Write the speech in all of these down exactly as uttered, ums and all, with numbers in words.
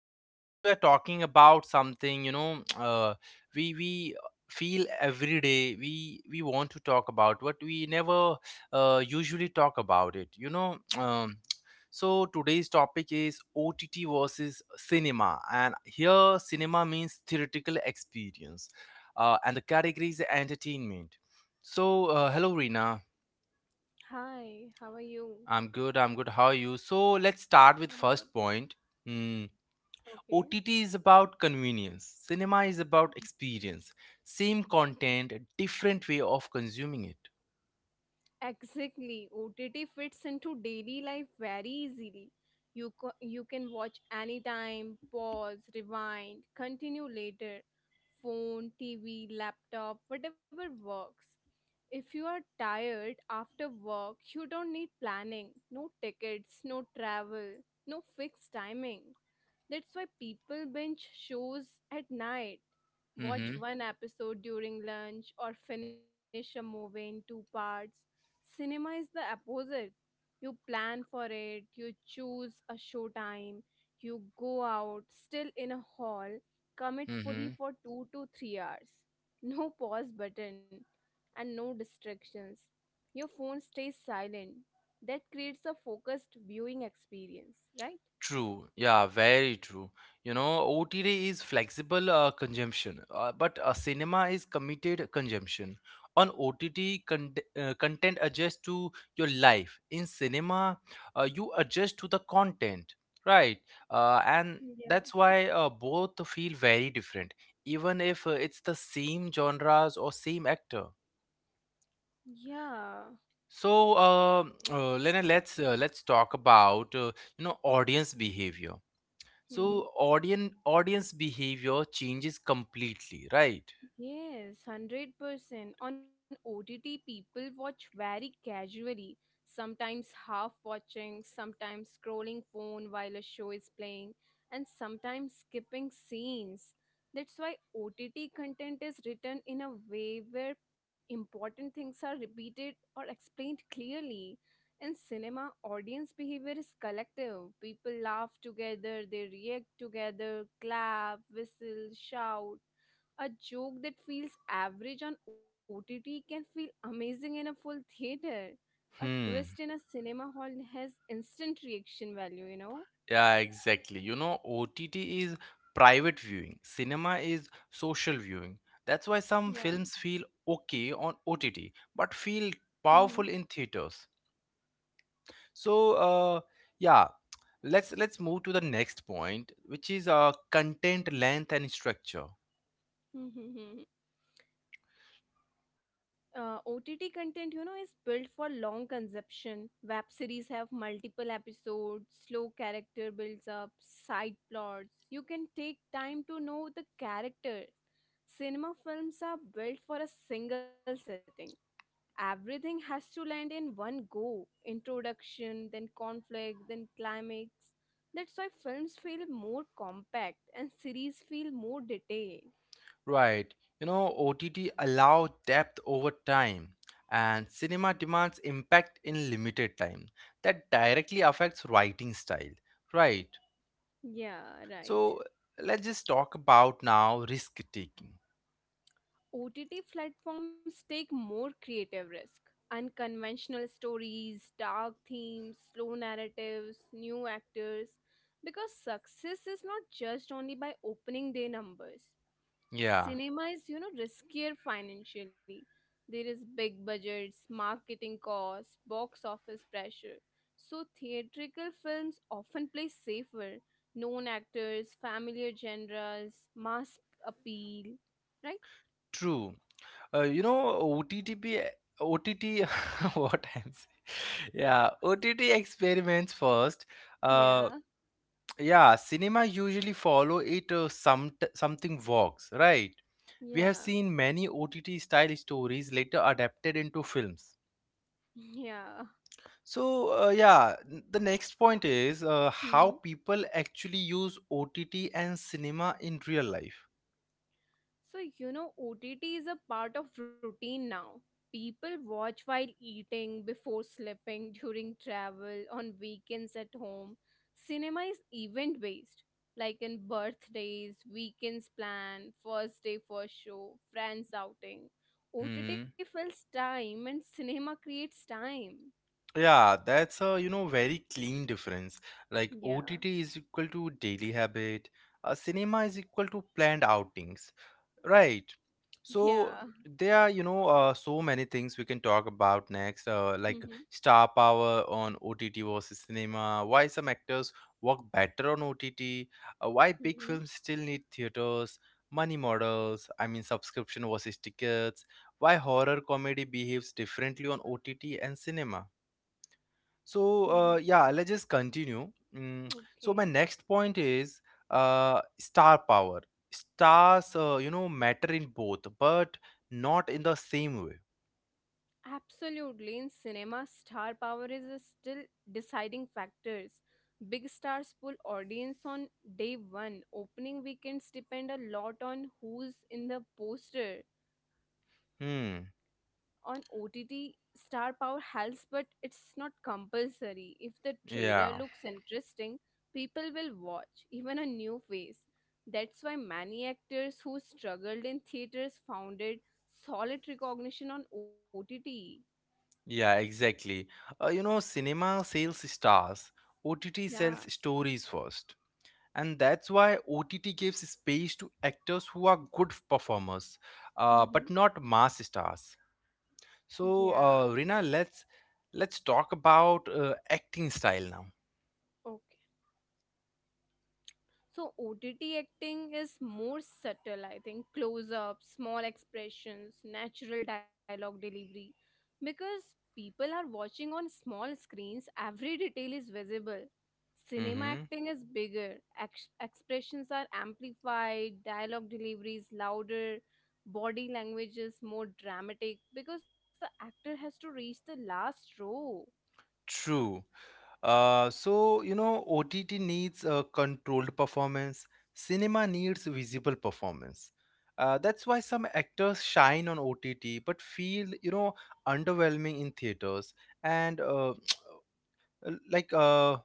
So today we are talking about something, you know, uh, we we feel every day we we want to talk about but we never uh, usually talk about it. You know, um, so today's topic is O T T versus cinema, and here cinema means theatrical experience, uh, and the category is entertainment. So, uh, hello, Rina. Hi, how are you? I'm good. I'm good. How are you? So, let's start I'm with good. first point. Mm, Okay. O T T is about convenience. Cinema is about experience. Same content, different way of consuming it. Exactly. O T T fits into daily life very easily. You co- you can watch anytime, pause, rewind, continue later. Phone, T V, laptop, whatever works. If you are tired after work, you don't need planning. No tickets, no travel, no fixed timing. That's why people binge shows at night, Mm-hmm. watch one episode during lunch, or finish a movie in two parts. Cinema is the opposite. You plan for it, you choose a showtime, you go out, still in a hall, commit fully mm-hmm. for two to three hours. No pause button and no distractions. Your phone stays silent. That creates a focused viewing experience, right? True. Yeah, very true. You know, O T T is flexible uh, consumption, uh, but uh, cinema is committed consumption. On O T T, con- uh, content adjusts to your life. In cinema, uh, you adjust to the content, right? Uh, and Yeah. that's why uh, both feel very different, even if uh, it's the same genres or same actor. Yeah. So, uh, uh, Lena, let's uh, let's talk about, uh, you know audience behavior. So Mm-hmm. audience audience behavior changes completely, right? Yes, one hundred percent. On O T T, people watch very casually, sometimes half watching, sometimes scrolling phone while a show is playing, and sometimes skipping scenes. That's why O T T content is written in a way where important things are repeated or explained clearly. In cinema, audience behavior is collective. People laugh together, they react together, clap, whistle, shout. A joke that feels average on O T T can feel amazing in a full theater. A twist Hmm. in a cinema hall has instant reaction value, you know? Yeah, exactly. You know, O T T is private viewing. Cinema is social viewing. That's why some Yeah. films feel okay on O T T, but feel hmm powerful in theaters. So, uh, yeah, let's let's move to the next point, which is uh, content length and structure. hmm Uh, O T T content, you know, is built for long consumption. Web series have multiple episodes, slow character builds up, side plots. You can take time to know the characters. Cinema films are built for a single setting. Everything has to land in one go: introduction, then conflict, then climax. That's why films feel more compact and series feel more detailed. Right. You know, O T T allow depth over time, and cinema demands impact in limited time. That directly affects writing style. Right. Yeah, right. So let's just talk about now risk taking. OTT platforms take more creative risk, unconventional stories, dark themes, slow narratives, new actors, because success is not judged only by opening day numbers. Yeah, Cinema is, you know, riskier financially. There is big budgets, marketing costs, box office pressure, so theatrical films often play safer, known actors, familiar genres, mass appeal, right? true. Uh, you know, O T T be O T T what I'm saying. Yeah, O T T experiments first. Uh, Yeah. yeah, cinema usually follow it. Uh, some something works, right? We have Yeah. seen many O T T style stories later adapted into films. Yeah. So, uh, yeah, n- the next point is uh, how people actually use O T T and cinema in real life. So, you know, O T T is a part of routine now. People watch while eating, before sleeping, during travel, on weekends at home. Cinema is event based, like in birthdays, weekends plan, first day, first show, friends outing. O T T fills time and cinema creates time. Yeah, that's a, you know, very clean difference. Like Yeah, O T T is equal to daily habit, a cinema is equal to planned outings. Right. So yeah. there are, you know, uh, so many things we can talk about next, uh, Mm-hmm. like star power on O T T versus cinema, why some actors work better on O T T, uh, why big Mm-hmm. films still need theaters, money models, I mean subscription versus tickets, why horror comedy behaves differently on O T T and cinema. So, Mm-hmm. uh, yeah, let's just continue. Mm, so, my Okay. next point is uh, star power. Stars, uh, you know, matter in both, but not in the same way. Absolutely, in cinema, star power is a still deciding factors. Big stars pull audience on day one. Opening weekends depend a lot on who's in the poster. Hmm. On O T T, star power helps, but it's not compulsory. If the trailer Yeah. looks interesting, people will watch, even a new face. That's why many actors who struggled in theaters founded solid recognition on O T T. Yeah, exactly. Uh, you know, cinema sells stars, O T T Yeah. sells stories first. And that's why O T T gives space to actors who are good performers, uh, but Mm-hmm. not mass stars. So, Yeah, uh, true. Rina, let's let's talk about uh, acting style now. Okay. So O T T acting is more subtle, I think. Close ups, small expressions, natural dialogue delivery. Because people are watching on small screens, every detail is visible. Cinema Mm-hmm. acting is bigger, ex- expressions are amplified, dialogue delivery is louder, body language is more dramatic because the actor has to reach the last row. True. Uh, so you know, O T T needs a controlled performance. Cinema needs visible performance. Uh, that's why some actors shine on O T T but feel, you know underwhelming in theaters. And uh, uh, like uh,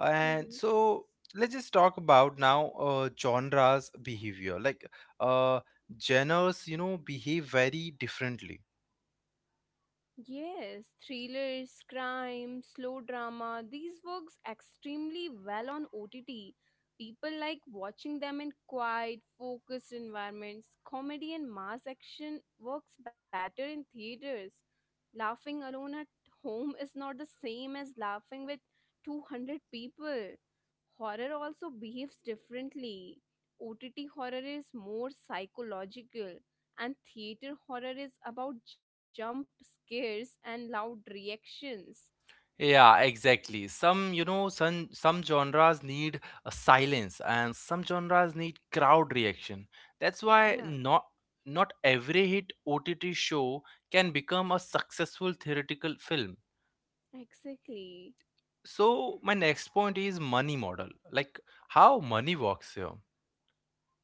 and so, let's just talk about now uh, genres behavior, like uh, genres, you know behave very differently. Yes, thrillers, crime, slow drama, these works extremely well on O T T. People like watching them in quiet, focused environments. Comedy and mass action works better in theaters. Laughing alone at home is not the same as laughing with two hundred people. Horror also behaves differently. O T T horror is more psychological and theater horror is about jump scares and loud reactions. Yeah, exactly. Some, you know, some some genres need a silence and some genres need crowd reaction. That's why Yeah, not not every hit O T T show can become a successful theoretical film. exactly. So my next point is money model, like how money works here.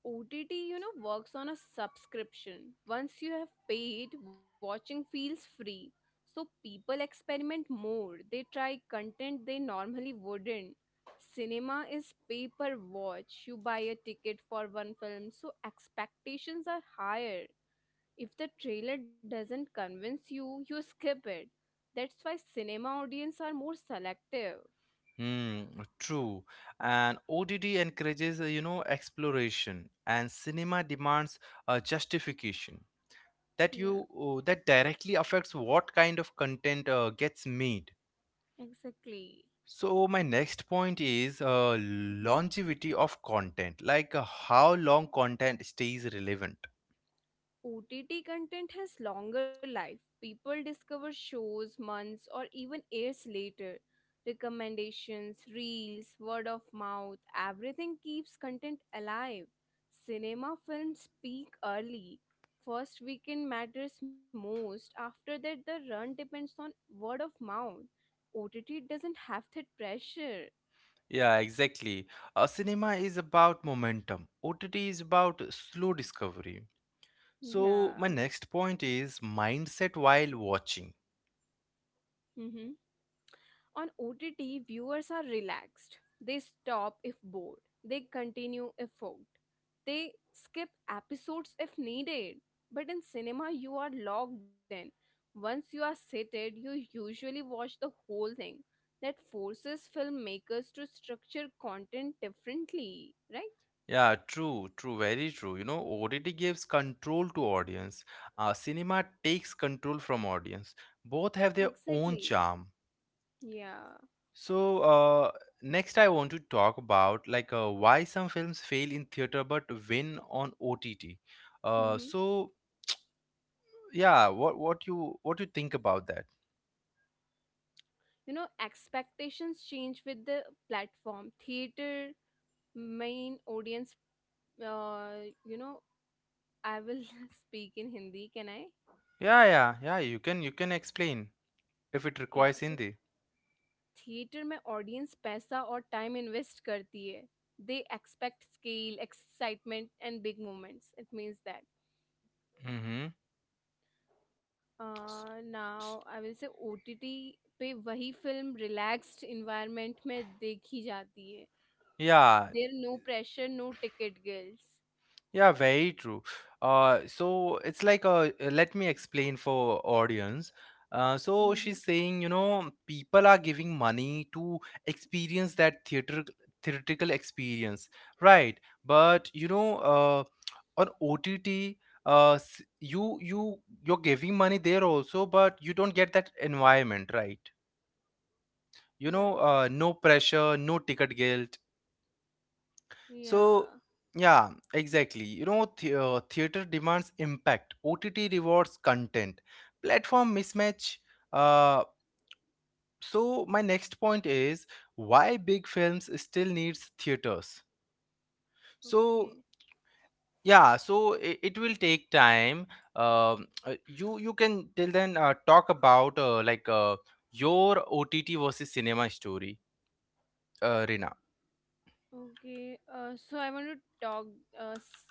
O T T, you know, works on a subscription. Once you have paid, watching feels free. So people experiment more. They try content they normally wouldn't. Cinema is pay per watch. You buy a ticket for one film, so expectations are higher. If the trailer doesn't convince you, you skip it. That's why cinema audience are more selective. Hmm, true. And O D D encourages, uh, you know, exploration, and cinema demands a justification that Yeah, you uh, that directly affects what kind of content uh, gets made. exactly. So my next point is uh, longevity of content, like uh, how long content stays relevant. O T T content has longer life. People discover shows months or even years later. Recommendations, reels, word of mouth, everything keeps content alive. Cinema films peak early. First weekend matters most. After that, the run depends on word of mouth. O T T doesn't have that pressure. Yeah, exactly. Uh, cinema is about momentum. O T T is about slow discovery. So my Yeah. next point is mindset while watching. On O T T, viewers are relaxed. They stop if bored. They continue if hooked. They skip episodes if needed. But in cinema, you are logged in. Once you are seated, you usually watch the whole thing. That forces filmmakers to structure content differently, right? Yeah, true, true, very true. You know, O T T gives control to audience. Uh, cinema takes control from audience. Both have their Exactly. own charm. Yeah. So, uh, next I want to talk about, like, uh, why some films fail in theater but win on O T T. Uh, hmm. so yeah, what what you what you think about that? You know, expectations change with the platform. Theater, main audience, uh, you know, I will speak in Hindi can I Yeah, yeah, yeah. You can you can explain if it या so requires Hindi. Theatre में audience पैसा और time invest करती है they expect scale excitement and big moments it means that Mm-hmm. S- now s- I will say O T T पे वही film relaxed environment में देखी जाती है Yeah, there no pressure no ticket girls Yeah, very true. Uh, so it's like, a let me explain for audience. Uh, so she's saying, you know, people are giving money to experience that theater theatrical experience, right? But you know, uh, on O T T, uh, s- you you you're giving money there also, but you don't get that environment, right? You right know, uh, no pressure, no ticket guilt. या So, yeah, exactly. You know, the, uh, theater demands impact, O T T rewards content, platform mismatch. Uh, so, my next point is why big films still needs theaters. Okay. So, yeah, so it, it will take time. Um, uh, you you can till then uh, talk about, uh, like, uh, your O T T versus cinema story, uh, Rina. Okay, uh, so I want to talk uh, s-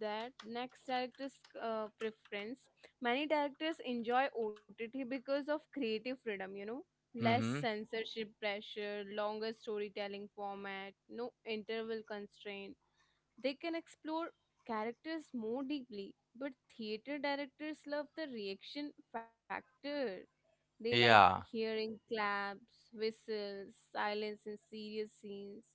that next director's uh, preference. Many directors enjoy O T T because of creative freedom, you know, less Mm-hmm. censorship pressure, longer storytelling format, no interval constraint. They can explore characters more deeply, but theater directors love the reaction factor. They like Yeah, hearing claps, whistles, silence in serious scenes.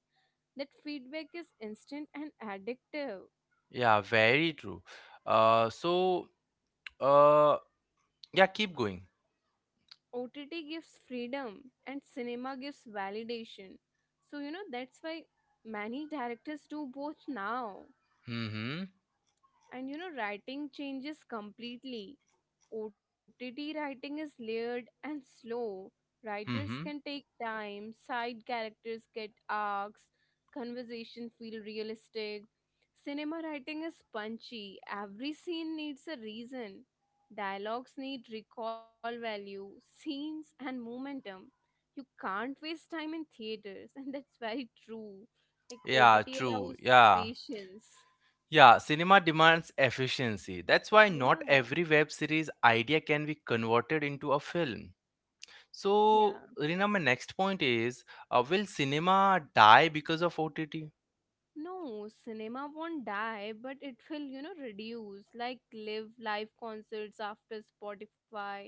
That feedback is instant and addictive. yeah, very true. Uh, so. Uh, Yeah, keep going. O T T gives freedom and cinema gives validation. So, you know, that's why many directors do both now. Mm-hmm. And, you know, writing changes completely. O T T writing is layered and slow. Writers can Mm-hmm. take time, side characters get arcs, conversation feel realistic. Cinema writing is punchy. Every scene needs a reason. Dialogues need recall value, scenes and momentum. You can't waste time in theaters and that's very true. Like Yeah, O T T true. allows Yeah. patience. Yeah, cinema demands efficiency. That's why Yeah. not every web series idea can be converted into a film. Yeah. So, Rina, my next point is, uh, will cinema die because of O T T? No, cinema won't die, but it will, you know, reduce. Like live live concerts after Spotify,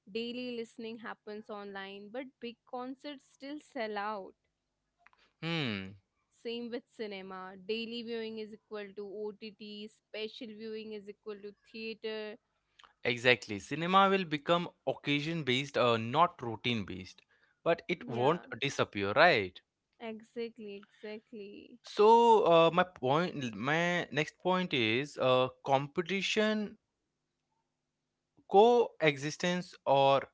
daily listening happens online, but big concerts still sell out. Hmm, Same with cinema. Daily viewing is equal to O T T, special viewing is equal to theater. exactly. Cinema will become occasion based, uh, not routine based. But it Yeah, won't disappear, right? exactly, exactly. So uh, my point, my next point is uh, competition, coexistence or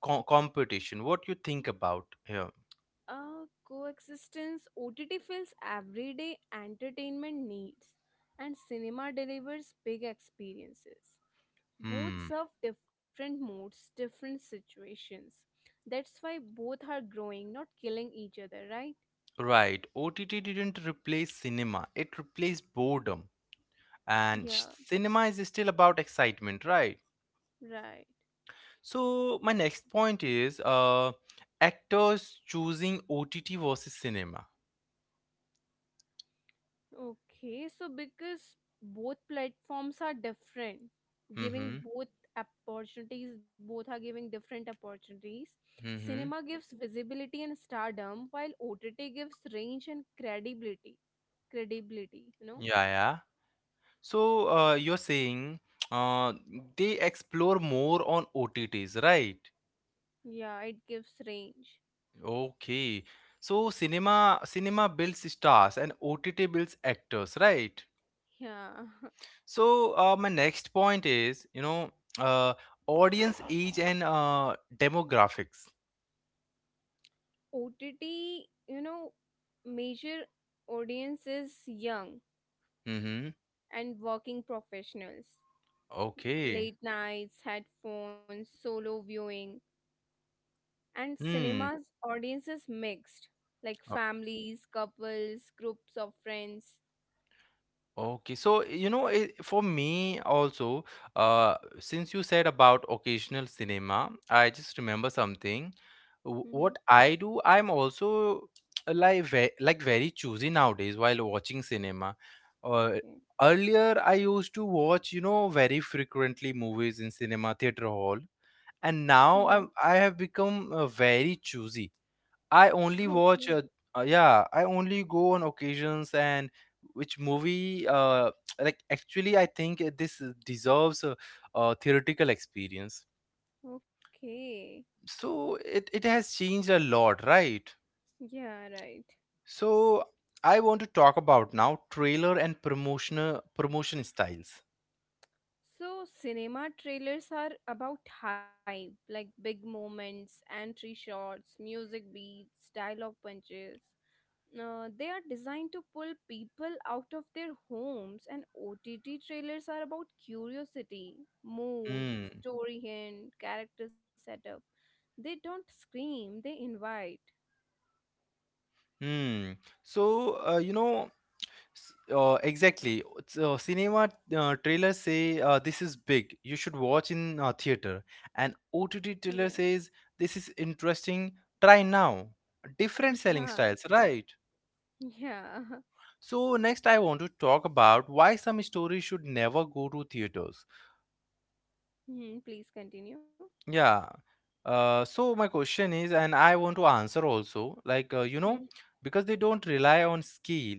co- competition? What you think about here? Uh, coexistence O T T fills everyday entertainment needs, and cinema delivers big experiences. Both Hmm, serve different moods, different situations. That's why both are growing, not killing each other, right? right. Ott didn't replace cinema, it replaced boredom. And sh- Yeah, cinema is still about excitement, right? right. So my next point is uh actors choosing ott versus cinema. Okay, so because both platforms are different, giving Mm-hmm. both opportunities, both are giving different opportunities. Cinema Mm-hmm. gives visibility and stardom, while O T T gives range and credibility. Credibility, you know? Yeah, yeah. So uh, you're saying uh, they explore more on O T T's, right? Yeah, it gives range. Okay. So cinema cinema builds stars and O T T builds actors, right? Yeah. So uh, my next point is, you know, uh, audience age and, uh, demographics. O T T, you know, major audiences young Mm-hmm. and working professionals, Okay. late nights, headphones, solo viewing, and Hmm. cinemas audiences mixed, like families, couples, groups of friends. Okay, so you know, it, for me also, uh, since you said about occasional cinema, I just remember something. Wh- Mm-hmm. What I do, I'm also uh, like, ve like very choosy nowadays while watching cinema. Uh, Okay. earlier, I used to watch, you know, very frequently movies in cinema theater hall, and Mm-hmm. now I'm I have become uh, very choosy. I only watch, Okay. uh, uh, yeah, I only go on occasions, and which movie, uh, like actually, I think uh, this uh, deserves a, a theoretical experience. Okay. So it, it has changed a lot, right? Yeah, right. So I want to talk about now trailer and promotional promotion styles. So, cinema trailers are about hype, like big moments, entry shots, music beats, dialogue punches. Uh, they are designed to pull people out of their homes, and O T T trailers are about curiosity, mood, Hmm. story hint, character setup. They don't scream, they invite. Hmm. So uh, you know. S- Uh, exactly. So cinema uh, trailers say, uh, this is big. You should watch in uh, theater. And O T T Yeah. trailer says this is interesting. Try now. Different selling Yeah. styles, right? Yeah. So next, I want to talk about why some stories should never go to theaters. Hmm, please continue. Yeah. Uh, so my question is, and I want to answer also, like uh, you know, Hmm. because they don't rely on skill.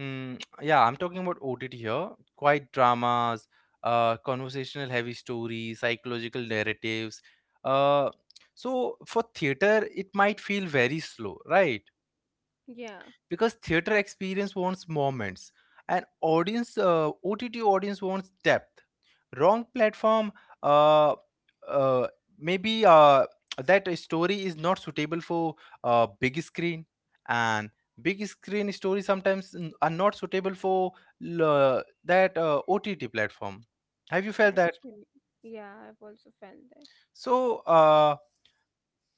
Mm, yeah, I'm talking about O T T here. Quiet dramas, uh, conversational heavy stories, psychological narratives. Uh, so for theater, it might feel very slow, right? Yeah, Because theater experience wants moments, and audience, uh, OTT audience wants depth. Wrong platform. uh, uh, maybe uh, that story is not suitable for uh, big screen, and big screen stories sometimes n- are not suitable for l- that uh, ott platform. Have you felt that? actually. Yeah, I've also felt that. So uh,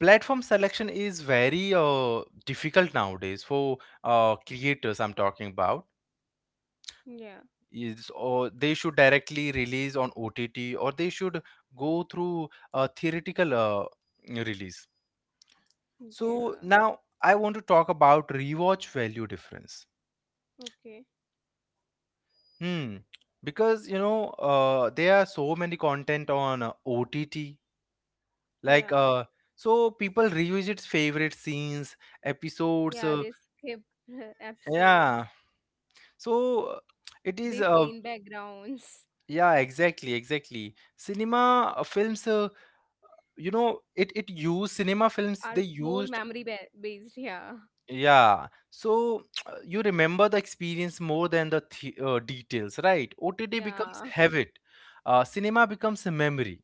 platform selection is very uh, difficult nowadays for uh, creators, I'm talking about. Yeah. Is or they should directly release on O T T, or they should go through a theoretical uh, release. Yeah. So now I want to talk about rewatch value difference. Okay. Hmm. Because you know uh, there are so many content on uh, O T T, Yeah. like uh, so people revisit favorite scenes, episodes. Yeah, Uh, they skip episodes. yeah. So uh, it is, They uh, play in backgrounds. yeah, exactly, exactly. Cinema uh, films. Uh, you know it it used, cinema Are films they more used. memory ba- based. Yeah. Yeah, so you remember the experience more than the th- uh, details, right? OTT becomes Yeah. habit, uh, cinema becomes a memory.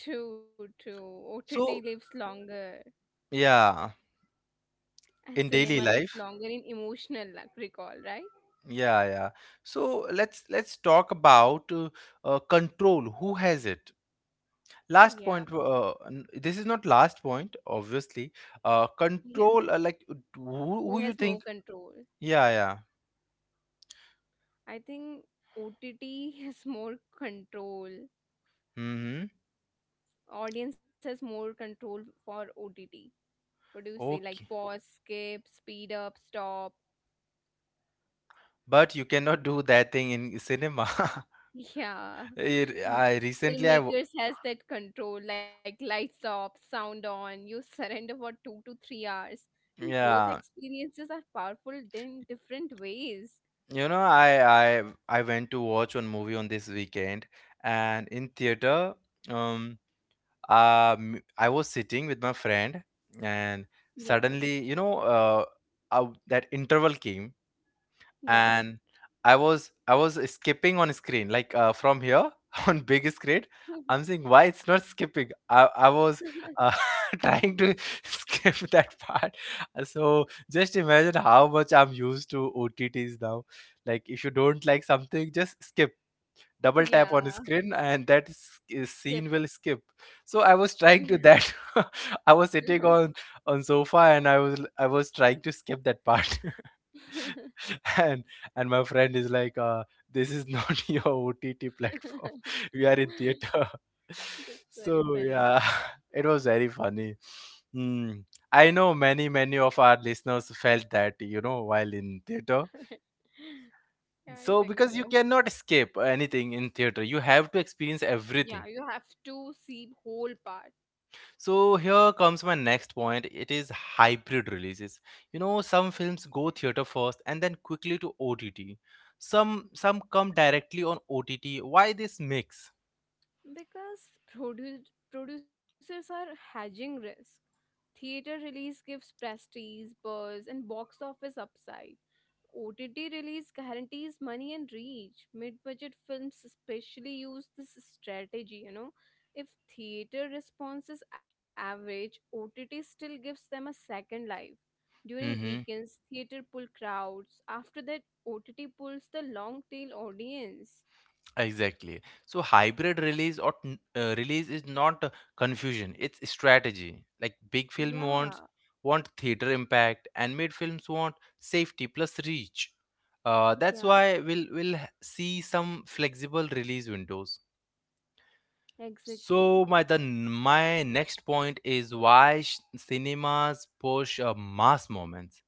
True, true. O T T So, lives longer yeah, and in daily cinema lives life. longer in emotional, like, recall, right? Yeah, yeah. So let's let's talk about, uh, uh, control, who has it. Last Yeah. point, uh, n- this is not last point obviously. uh, Yeah. control, uh, like, who, Who who you has more think? control? Yeah, yeah. I think O T T has more control. Mm-hmm. Audience has more control for O T T. What do you say? Like Okay. pause, skip, speed up, stop. But you cannot do that thing in cinema. Yeah. It, I recently I w- Filmmakers has that control, like lights off, sound on, you surrender for two to three hours. And both yeah, experiences are powerful in different ways. you know, I I I went to watch one movie on this weekend, and in theater, um um I was sitting with my friend, and Yeah. suddenly, you know, uh, uh that interval came, Yeah. and I was I was skipping on screen, like, uh, from here on big screen. I'm saying why it's not skipping. I I was uh, trying to skip that part. Uh, So just imagine how much I'm used to O T Ts now. Like if you don't like something, just skip. Double tap on Yeah. screen and that s- is- Skip. scene will skip. So I was trying to that. I was sitting on on sofa, and I was I was trying to skip that part. and and my friend is like uh, this is not your ott platform we are in theater That's very so funny. yeah it was very funny. Hmm. I know many many of our listeners felt that, you know, while in theater, Yeah, I so think because you so. cannot escape anything in theater, you have to experience Yeah, everything. you have to see whole part. So here comes my next point. It is hybrid releases. You know, some films go theater first and then quickly to O T T. Some some come directly on O T T. Why this mix? Because produ producers are hedging risk. Theater release gives prestige, buzz, and box office upside. O T T release guarantees money and reach. Mid budget films especially use this strategy, you know. If theater response is average, O T T still gives them a second life. During Mm-hmm. weekends, theater pull crowds. After that, O T T pulls the long tail audience. Exactly. So hybrid release or n- uh, release is not uh, confusion. It's strategy. Like big film Yeah, wants want theater impact, and mid films want safety plus reach. Uh, yeah, That's why we'll we'll h- see some flexible release windows. exactly. So my the my next point is why sh- cinemas push uh, mass moments.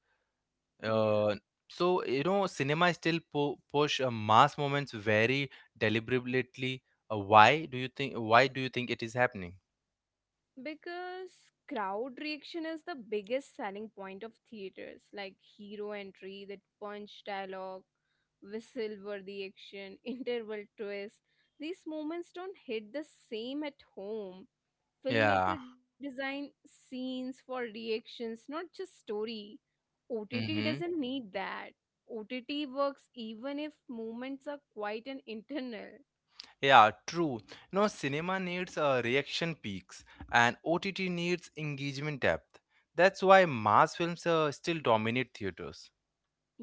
Yeah. Uh, so you know cinema still pu- push uh, mass moments very deliberately. Uh, why do you think? Why do you think it is happening? Because crowd reaction is the biggest selling point of theaters, like hero entry, that punch dialogue, whistle worthy action, interval twist. These moments don't hit the same at home. Yeah. Filmmaker design scenes for reactions not just story. OTT Mm-hmm. doesn't need that. OTT works even if moments are quite an internal. Yeah. True. You know, cinema needs uh, reaction peaks, and O T T needs engagement depth. That's why mass films uh, still dominate theaters.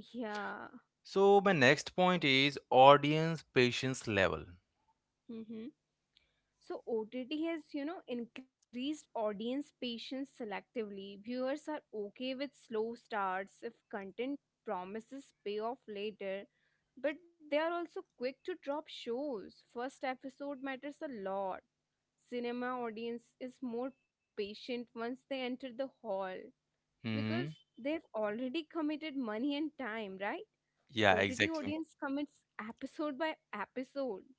Yeah. So my next point is audience patience level. Mm-hmm. So O T T has, you know, increased audience patience selectively. Viewers are okay with slow starts if content promises payoff later, but they are also quick to drop shows. First episode matters a lot. Cinema audience is more patient once they enter the hall because Hmm. they've already committed money and time, right? Yeah, O T T exactly. audience commits episode by episode.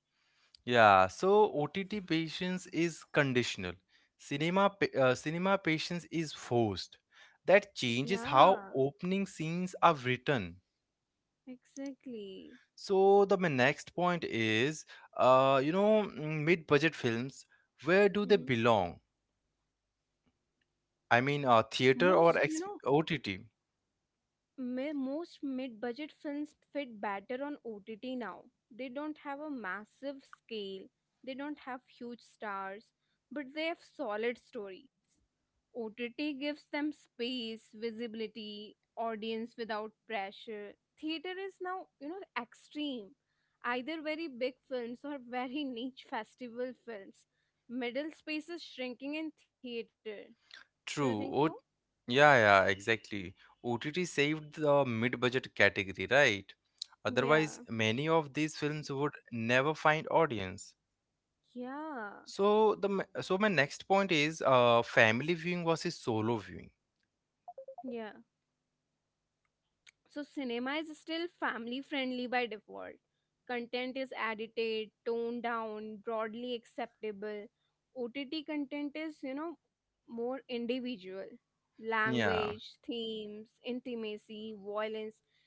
Yeah, so O T T patience is conditional. Cinema pa- uh, cinema patience is forced. That changes how Yeah, opening scenes are written. exactly. So the my next point is, uh, you know, mm, mid-budget films, where do they Mm-hmm. belong? I mean, uh, theater Most, or you ex- know, O T T? mi- most mid-budget films fit better on O T T now. They don't have a massive scale, they don't have huge stars, but they have solid stories. O T T gives them space, visibility, audience without pressure. Theater is now, you know, extreme. Either very big films or very niche festival films. Middle space is shrinking in theater. Do you think True. so? O Yeah, yeah, exactly. O T T saved the mid-budget category, right? Yeah. Otherwise, many of these films would never find audience. Yeah. So the m- so my next point is uh, family viewing versus solo viewing. Yeah. So cinema is still family friendly by default. Content is edited, toned down, broadly acceptable. O T T content is, you know, more individual. Language, Yeah, themes, intimacy, violence,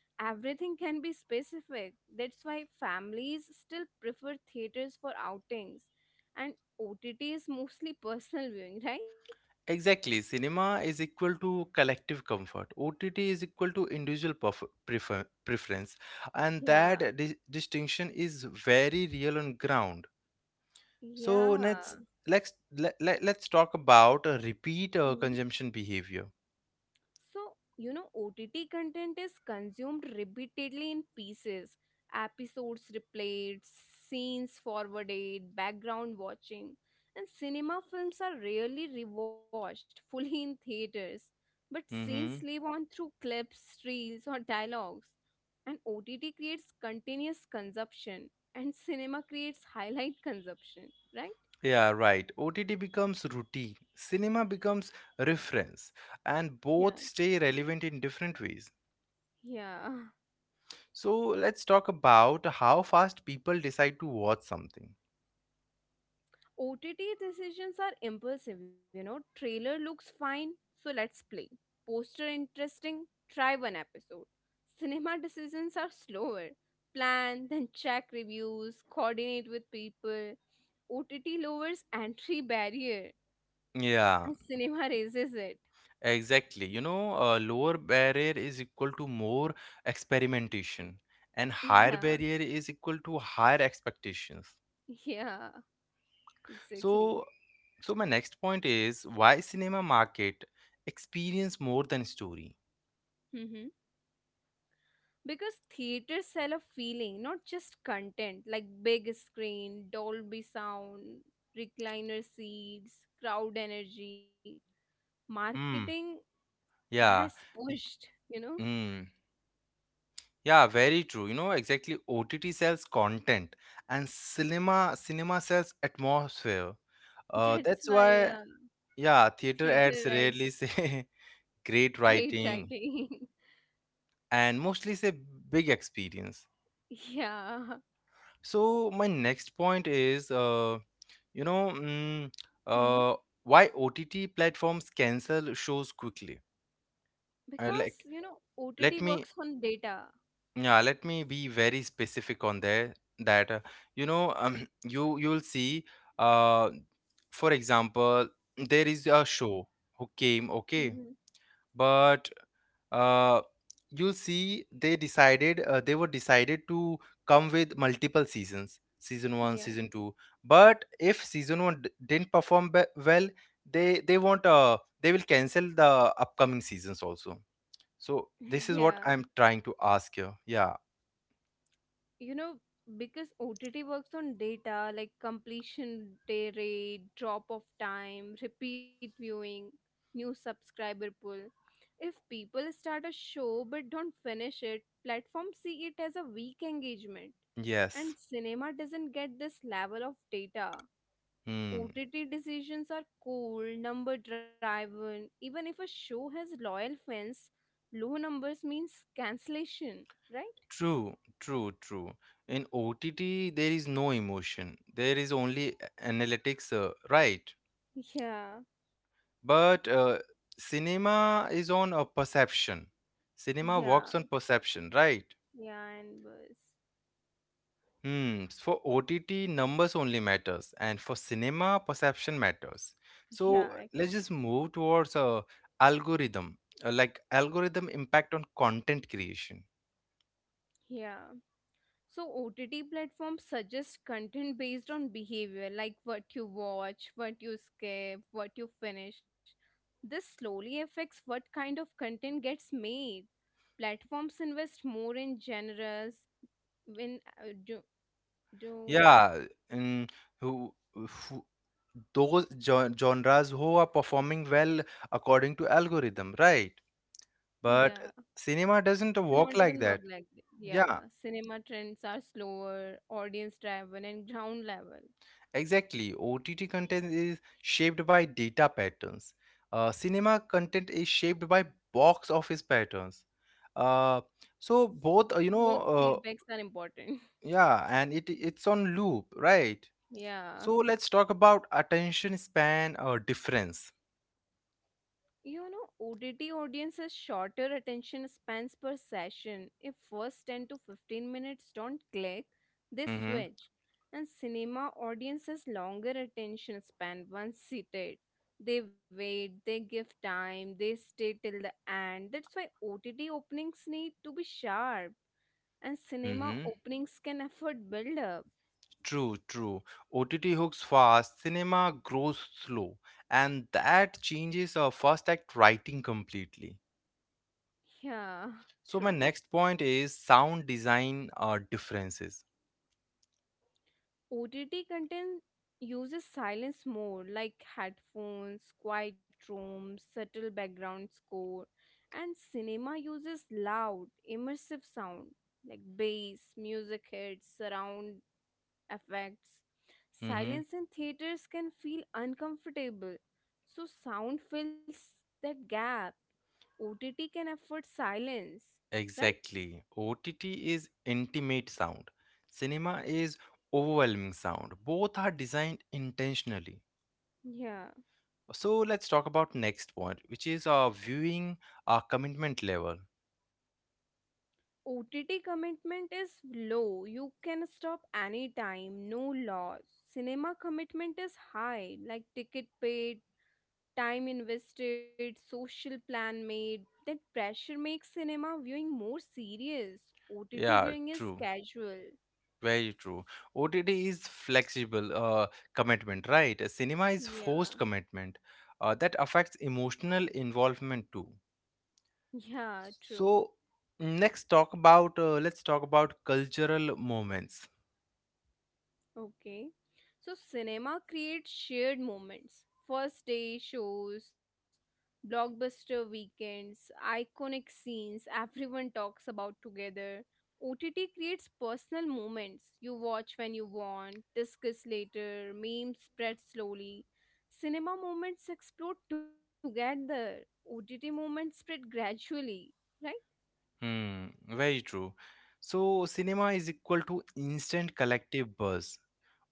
everything can be specific. That's why families still prefer theaters for outings. And O T T is mostly personal viewing, right? exactly. Cinema is equal to collective comfort. O T T is equal to individual perf- prefer- preference, and Yeah. that di- distinction is very real on ground. So let's Yeah. let's let, let, let's talk about uh, repeat uh, consumption behavior. So, you know, O T T content is consumed repeatedly in pieces, episodes replayed, scenes forwarded, background watching. And cinema films are rarely rewatched fully in theaters, but scenes live Mm-hmm. on through clips, reels, or dialogues. And O T T creates continuous consumption, and cinema creates highlight consumption, right? Yeah, right. O T T becomes routine. Cinema becomes reference, and Yeah, both stay relevant in different ways. yeah. So let's talk about how fast people decide to watch something. O T T decisions are impulsive, you know. Trailer looks fine, so let's play. Poster interesting, try one episode. Cinema decisions are slower. Plan, then check reviews, coordinate with people. O T T lowers entry barrier, Yeah, and cinema raises it. exactly. You know, uh, lower barrier is equal to more experimentation, and higher Yeah, barrier is equal to higher expectations. yeah, So, exactly. so my next point is why cinema market experience more than story. Mm-hmm. because theaters sell a feeling, not just content, like big screen dolby sound, recliner seats, crowd energy, marketing Hmm. has Yeah. it- pushed you know Mm, yeah. Very true. You know exactly. O T T sells content, and cinema cinema sells atmosphere. Uh, that's That's why, why. uh, Yeah. Theater theater ads adds rarely say great great writing writing. and mostly say big experience. Yeah. So my next point is uh, you know, mm, Hmm. uh, why O T T platforms cancel shows quickly? Uh, because like, you know ott let me, works on data. yeah, let me be very specific on there. That uh, you know, um, you you'll see. Uh, for example, there is a show who came. Hmm. Okay, but uh, you'll see they decided uh, they were decided to come with multiple seasons, season one, Yeah. season two. But if season one d- didn't perform be- well, they they won't uh, they will cancel the upcoming seasons also. So this is Yeah. what I'm trying to ask you. Yeah. You know because ott works on data, like completion, day rate, drop off time, repeat viewing, new subscriber pull. If people start a show but don't finish it, platforms see it as a weak engagement, and Yes. cinema doesn't get this level of data. Hmm. OTT decisions are cold, number driven, even if a show has loyal fans. Low numbers means cancellation, right? True true true In OTT, there is no emotion, there is only a- analytics, uh, right? Yeah. But uh, cinema is on a perception. Cinema Yeah. works on perception, right? Yeah, and buzz. Hmm. For O T T, numbers only matters, and for cinema, perception matters. So Yeah, let's just actually. move towards a algorithm, uh, like algorithm impact on content creation. Yeah. So O T T platforms suggest content based on behavior, like what you watch, what you skip, what you finish. This slowly affects what kind of content gets made. Platforms invest more in genres when uh, do do Yeah, and who, who those gen- genres who are performing well according to algorithm, right? But Yeah. cinema doesn't Cinema work doesn't like work that. like that. Yeah, Yeah. cinema trends are slower, audience driven, and ground level. Exactly. O T T content is shaped by data patterns. Uh, cinema content is shaped by box office patterns. Uh, so both, uh, you know, Both uh, feedbacks are important. yeah, and it it's on loop, right? Yeah. So let's talk about attention span uh, difference. You know, O T T audiences shorter attention spans per session. If first ten to fifteen minutes don't click, they Mm-hmm. switch. And cinema audiences longer attention span once seated. They wait, they give time, they stay till the end. That's why O T T openings need to be sharp, and cinema Mm-hmm. openings can afford build up. True, true. O T T hooks fast, cinema grows slow, and that changes uh, first act writing completely. Yeah, So true. my next point is sound design uh, differences. O T T content uses silence more, like headphones, quiet rooms, subtle background score, and cinema uses loud, immersive sound, like bass, music hits, surround effects. Hmm. Silence in theaters can feel uncomfortable, so sound fills that gap. O T T can afford silence, right? Exactly. O T T is intimate sound. Cinema is overwhelming sound. Both are designed intentionally. Yeah. So let's talk about next point, which is uh, viewing uh, commitment level. O T T commitment is low. You can stop anytime, no loss. Cinema commitment is high, like ticket paid, time invested, social plan made. That pressure makes cinema viewing more serious. O T T Yeah, viewing is true. casual. Very true. O T T is flexible uh, commitment, right? Cinema is forced Yeah. commitment. Uh, that affects emotional involvement too. Yeah, true. So next talk about uh, let's talk about cultural moments. Okay. So cinema creates shared moments. First day shows, blockbuster weekends, iconic scenes everyone talks about together. O T T creates personal moments. You watch when you want, discuss later, memes spread slowly. Cinema moments explode together. O T T moments spread gradually. Right? Hmm, very true. So cinema is equal to instant collective buzz.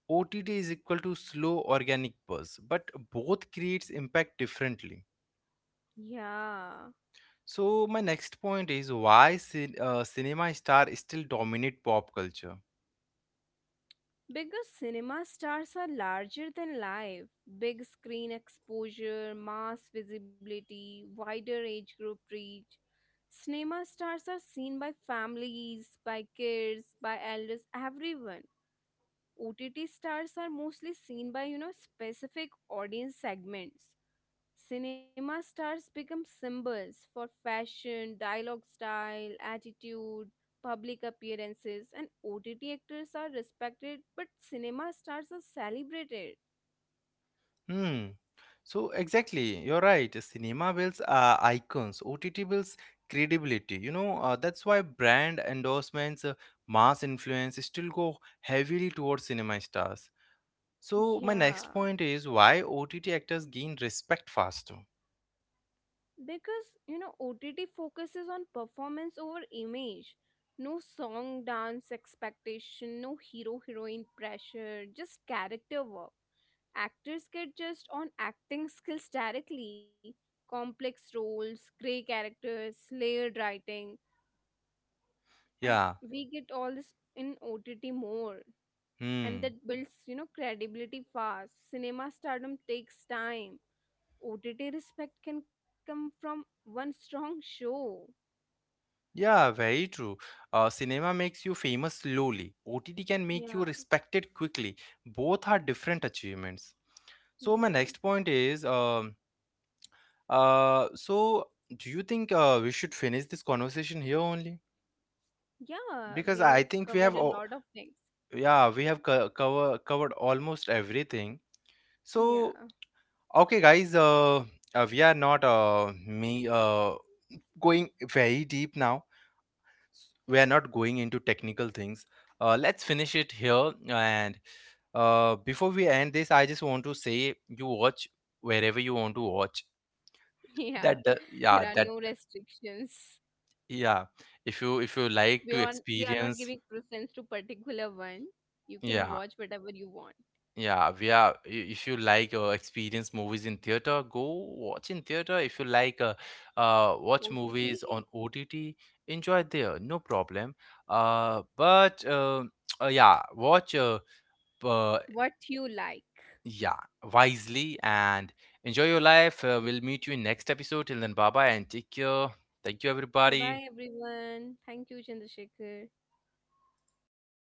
O T T is equal to slow organic buzz, but both creates impact differently. Yeah. So my next point is why cin- uh, cinema star still dominate pop culture. Bigger cinema stars are larger than life. Big screen exposure, mass visibility, wider age group reach. Cinema stars are seen by families, by kids, by elders, everyone. O T T stars are mostly seen by, you know, specific audience segments. Cinema stars become symbols for fashion, dialogue style, attitude, public appearances, and O T T actors are respected, but cinema stars are celebrated. Hmm. So exactly, you're right. Cinema builds uh, icons. O T T builds credibility. You know, uh, that's why brand endorsements, uh, mass influence still go heavily towards cinema stars. So my Yeah. next point is why O T T actors gain respect faster. because you know O T T focuses on performance over image. No song dance expectation, no hero heroine pressure, just character work. Actors get just on acting skills directly, complex roles, grey characters, layered writing, and Yeah. we get all this in O T T more. And Hmm. that builds, you know, credibility fast. Cinema stardom takes time. O T T respect can come from one strong show. Yeah, very true. Uh, cinema makes you famous slowly. O T T can make you Yeah, respected quickly. Both are different achievements. So my yeah, next point is um Uh, so do you think uh, we should finish this conversation here only? yeah. We Because have I think covered we a have, lot of o- things. yeah, we have co- cover covered almost everything. Yeah, So okay, guys, uh, uh we are not uh me uh going very deep now. S- We are not going into technical things. Uh, let's finish it here. And uh, before we end this, I just want to say, you watch wherever you want to watch. yeah. That do- There are yeah, no that. restrictions. Yeah, if you if you We like to are we are not giving experience, preference to particular one. You can yeah, watch whatever you want. yeah, we are. i- If you like uh, experience movies in theater, go watch in theater. If you like uh, uh watch O T T, movies on O T T, enjoy there, no problem. Uh, but uh, uh yeah, watch uh, uh what you like. yeah, wisely and enjoy your life. Uh, we'll meet you in next episode. Till then, bye bye and take care. Thank you, Bye bye everybody. everyone. Thank you, Chandrasekhar.